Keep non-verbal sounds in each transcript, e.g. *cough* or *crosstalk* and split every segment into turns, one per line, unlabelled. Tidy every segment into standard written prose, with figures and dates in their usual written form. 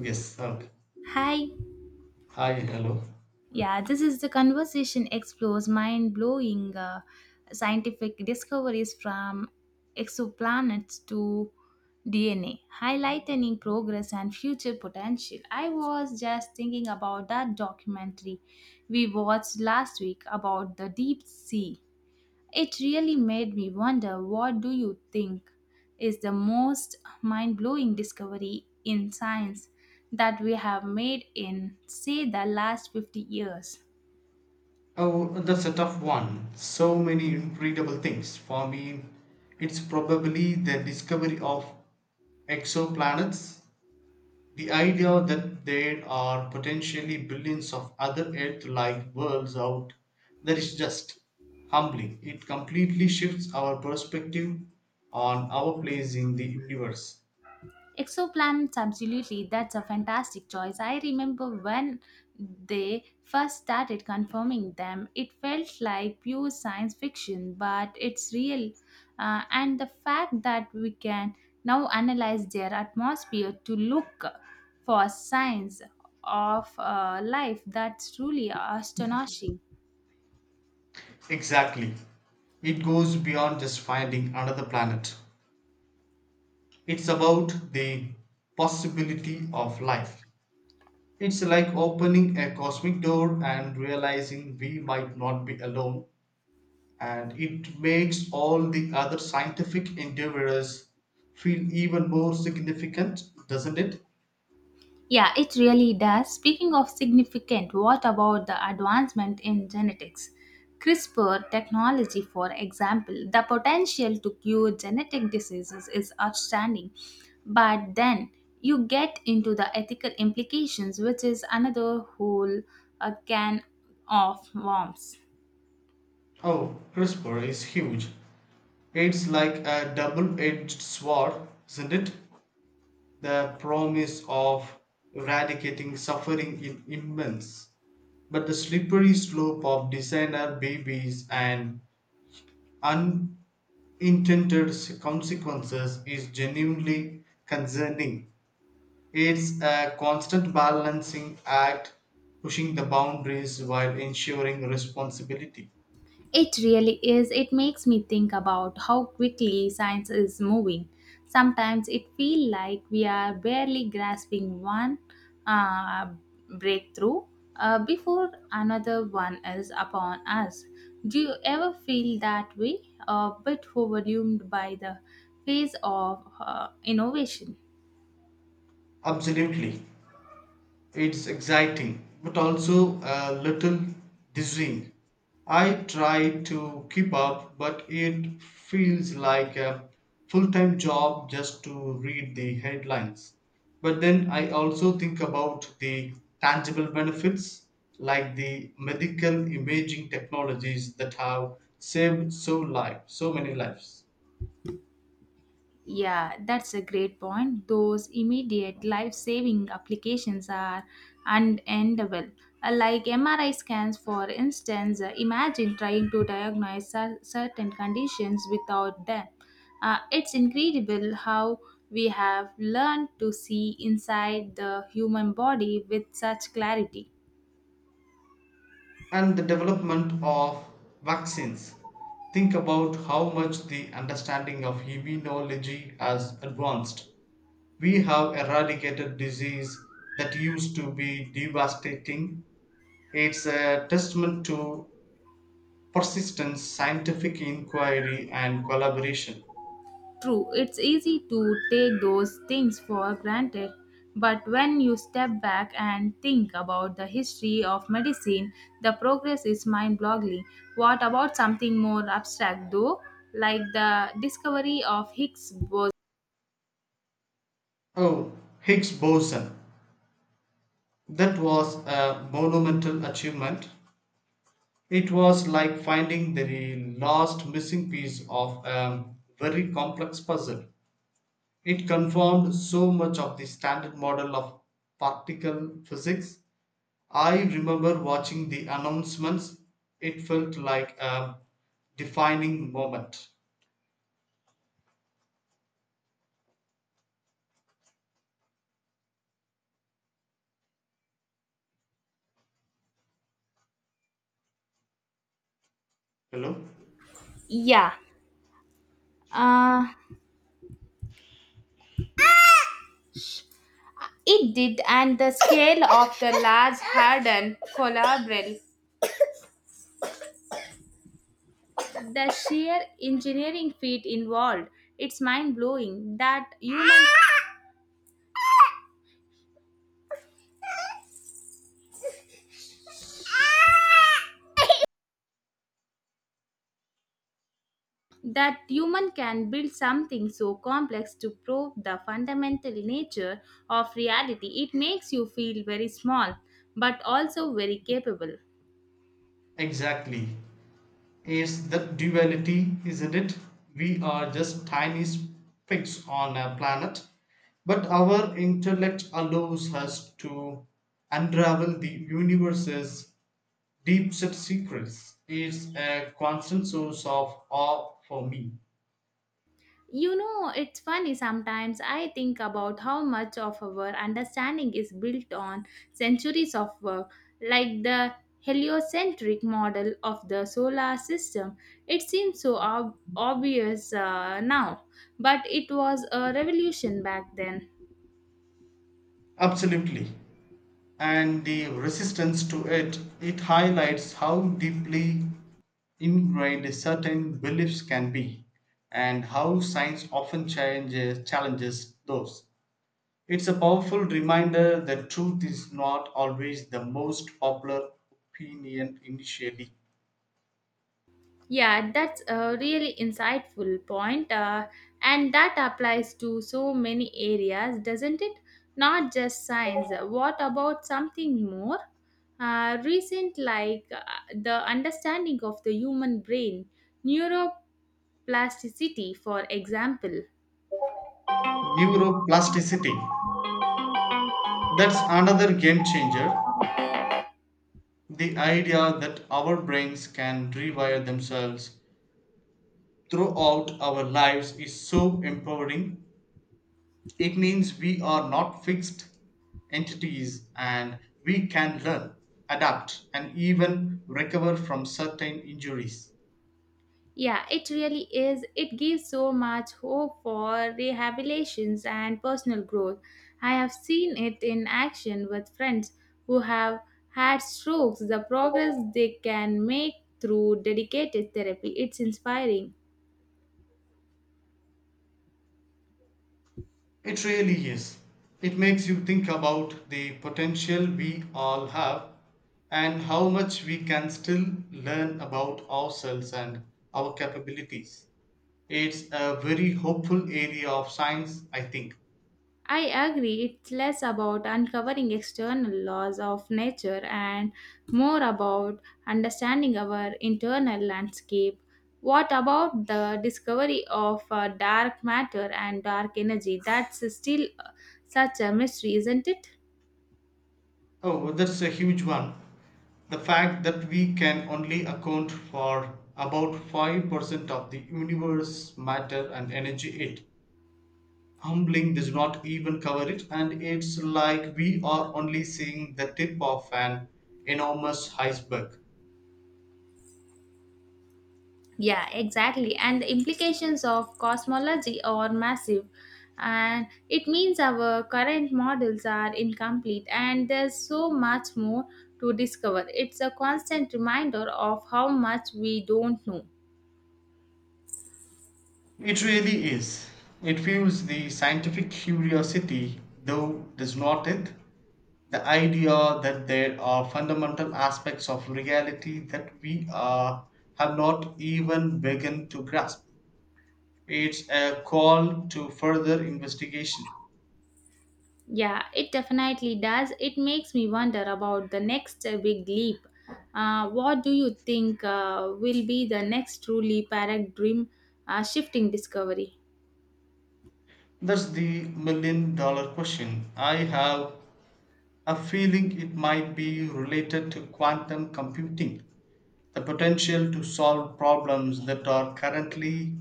Yes. Okay.
Hi.
Hi. Hello.
Yeah, this is the conversation explores mind blowing scientific discoveries from exoplanets to DNA, highlighting progress and future potential. I was just thinking about that documentary we watched last week about the deep sea. It really made me wonder, what do you think is the most mind-blowing discovery in science that we have made in, say, the last 50 years?
Oh, that's a tough one. So many readable things. For me, it's probably the discovery of exoplanets. The idea that there are potentially billions of other Earth like worlds out there is just humbling. It completely shifts our perspective on our place in the universe.
Exoplanets, absolutely. That's a fantastic choice. I remember when they first started confirming them, it felt like pure science fiction, but it's real. And the fact that we can now analyze their atmosphere to look for signs of life, that's truly astonishing.
Exactly. It goes beyond just finding another planet. It's about the possibility of life. It's like opening a cosmic door and realizing we might not be alone, and it makes all the other scientific endeavors feel even more significant, doesn't it?
Yeah, it really does. Speaking of significant, what about the advancement in genetics? CRISPR technology, for example, the potential to cure genetic diseases is outstanding. But then you get into the ethical implications, which is another whole can of worms.
Oh, CRISPR is huge. It's like a double edged sword, isn't it? The promise of eradicating suffering is immense, but the slippery slope of designer babies and unintended consequences is genuinely concerning. It's a constant balancing act, pushing the boundaries while ensuring responsibility.
It really is. It makes me think about how quickly science is moving. Sometimes it feels like we are barely grasping one uh, breakthrough before another one is upon us. Do you ever feel that way? A bit overwhelmed by the pace of innovation?
Absolutely. It's exciting, but also a little dizzying. I try to keep up, but it feels like a full time job just to read the headlines. But then I also think about the tangible benefits, like the medical imaging technologies that have so many lives.
Yeah, that's a great point. Those immediate life saving applications are unendable. Like MRI scans, for instance, imagine trying to diagnose certain conditions without them. It's incredible how we have learned to see inside the human body with such clarity.
And the development of vaccines. Think about how much the understanding of immunology has advanced. We have eradicated disease that used to be devastating. It's a testament to persistent scientific inquiry and collaboration.
True, it's easy to take those things for granted, but when you step back and think about the history of medicine, the progress is mind boggling. What about something more abstract, though, like the discovery of Higgs boson?
Oh, Higgs boson. That was a monumental achievement. It was like finding the last missing piece of a very complex puzzle. It confirmed so much of the standard model of particle physics. I remember watching the announcements, it felt like a defining moment. Hello?
Yeah, uh, it did, and the scale of the Large Hadron collider, the sheer engineering feat involved, it's mind blowing that human can build something so complex to prove the fundamental nature of reality. It makes you feel very small but also very capable.
Exactly. Is the duality, isn't it? We are just tiny specks on a planet, but our intellect allows us to unravel the universe's deep set secrets. It's a constant source of awe for me.
You know, it's funny, sometimes I think about how much of our understanding is built on centuries of work, like the heliocentric model of the solar system. It seems so obvious now, but it was a revolution back then.
Absolutely. And the resistance to it, it highlights how deeply ingrained certain beliefs can be, and how science often changes, challenges those. It's a powerful reminder that truth is not always the most popular opinion initially.
Yeah, that's a really insightful point, and that applies to so many areas, doesn't it? Not just science. What about something more recent, like the understanding of the human brain, neuroplasticity, for example?
Neuroplasticity, that's another game changer. The idea that our brains can rewire themselves throughout our lives is so empowering. It means we are not fixed entities, and we can learn, adapt, and even recover from certain injuries.
Yeah, it really is. It gives so much hope for rehabilitations and personal growth. I have seen it in action with friends who have had strokes, the progress they can make through dedicated therapy. It's inspiring.
It really is. It makes you think about the potential we all have and how much we can still learn about ourselves and our capabilities. It's a very hopeful area of science, I think.
I agree, it's less about uncovering external laws of nature and more about understanding our internal landscape. What about the discovery of dark matter and dark energy? That's still such a mystery, isn't it?
Oh, well, that's a huge one. The fact that we can only account for about 5% of the universe matter and energy, it humbling does not even cover it, and it's like we are only seeing the tip of an enormous iceberg.
Yeah, exactly. And the implications of cosmology are massive. And it means our current models are incomplete, and there's so much more to discover. It's a constant reminder of how much we don't know.
It really is. It fuels the scientific curiosity, though does not it? The idea that there are fundamental aspects of reality that have not even begun to grasp. It's a call to further investigation.
Yeah, it definitely does. It makes me wonder about the next big leap. What do you think will be the next truly paradigm shifting discovery?
That's the million dollar question. I have a feeling it might be related to quantum computing. The potential to solve problems that are currently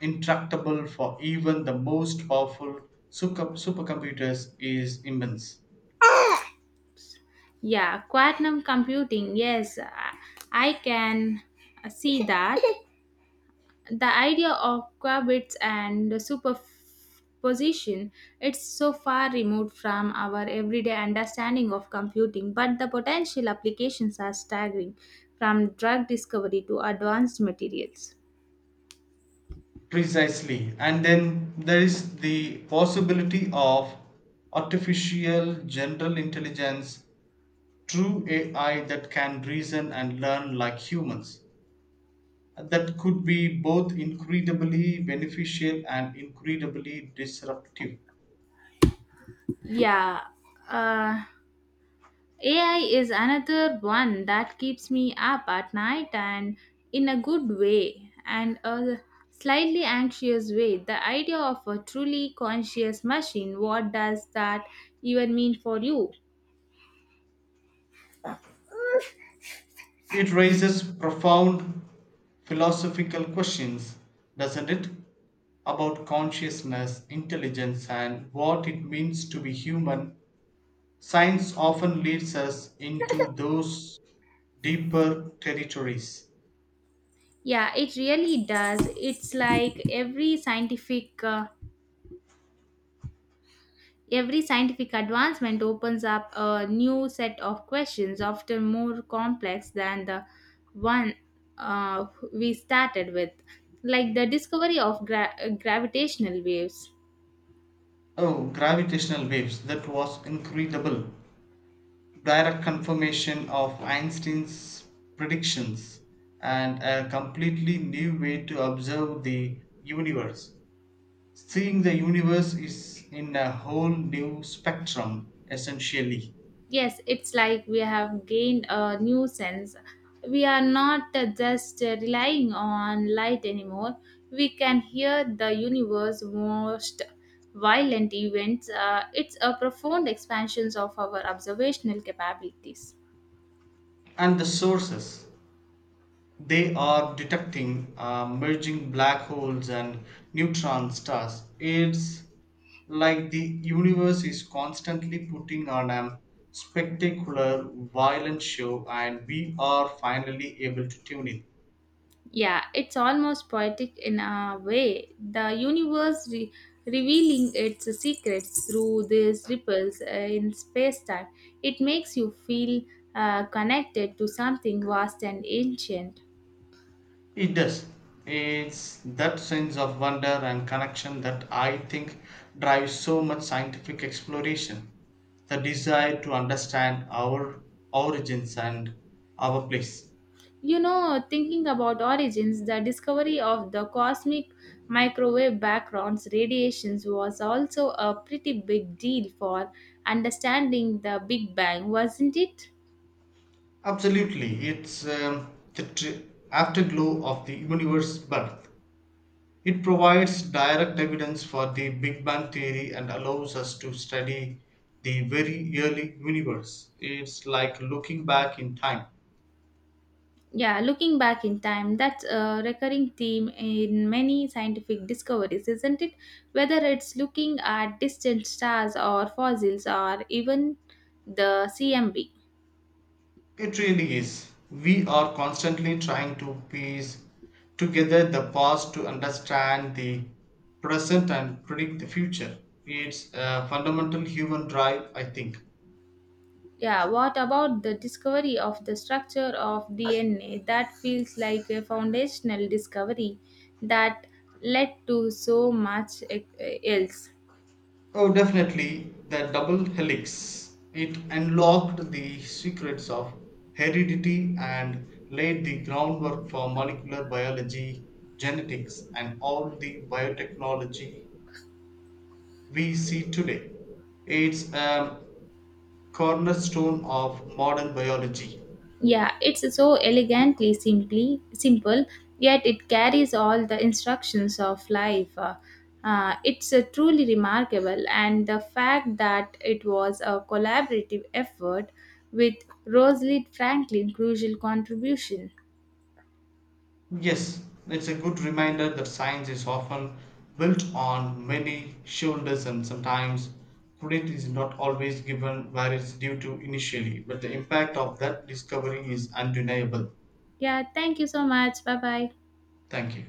intractable for even the most powerful supercomputers is immense.
Yeah, quantum computing. Yes, I can see that. *laughs* The idea of qubits and superposition, it's so far removed from our everyday understanding of computing, but the potential applications are staggering, from drug discovery to advanced materials.
Precisely. And then there is the possibility of artificial general intelligence, true AI that can reason and learn like humans. That could be both incredibly beneficial and incredibly disruptive.
Yeah. Uh, AI is another one that keeps me up at night, and in a good way and a slightly anxious way. The idea of a truly conscious machine, what does that even mean for you?
It raises profound philosophical questions, doesn't it? About consciousness, intelligence, and what it means to be human. Science often leads us into those deeper territories.
Yeah, it really does. It's like every scientific advancement opens up a new set of questions, often more complex than the one uh, we started with, like the discovery of gravitational waves.
Oh, gravitational waves, that was incredible. Direct confirmation of Einstein's predictions and a completely new way to observe the universe. Seeing the universe is in a whole new spectrum, essentially.
Yes, it's like we have gained a new sense. We are not just relying on light anymore. We can hear the universe's most violent events. It's a profound expansion of our observational capabilities.
And the sources they are detecting are merging black holes and neutron stars. It's like the universe is constantly putting on a spectacular, violent show, and we are finally able to tune in.
Yeah, it's almost poetic in a way. The universe revealing its secrets through these ripples in space time. It makes you feel connected to something vast and ancient.
It does. It's that sense of wonder and connection that I think drives so much scientific exploration. The desire to understand our origins and our place.
You know, thinking about origins, the discovery of the cosmic microwave backgrounds radiations was also a pretty big deal for understanding the Big Bang, wasn't it?
Absolutely. It's afterglow of the universe's birth. It provides direct evidence for the Big Bang theory and allows us to study the very early universe. It's like looking back in time.
Yeah, looking back in time, that's a recurring theme in many scientific discoveries, isn't it? Whether it's looking at distant stars or fossils or even the CMB.
It really is. We are constantly trying to piece together the past to understand the present and predict the future. It's a fundamental human drive, I think.
Yeah, what about the discovery of the structure of DNA? That feels like a foundational discovery that led to so much else.
Oh, definitely the double helix. It unlocked the secrets of heredity and laid the groundwork for molecular biology, genetics, and all the biotechnology we see today. It's cornerstone of modern biology.
Yeah, it's so elegantly simply simple, yet it carries all the instructions of life. It's truly remarkable, and the fact that it was a collaborative effort with Rosalind Franklin' crucial contribution.
Yes, it's a good reminder that science is often built on many shoulders, and sometimes credit is not always given where it's due to initially, but the impact of that discovery is undeniable.
Yeah, thank you so much. Bye bye.
Thank you.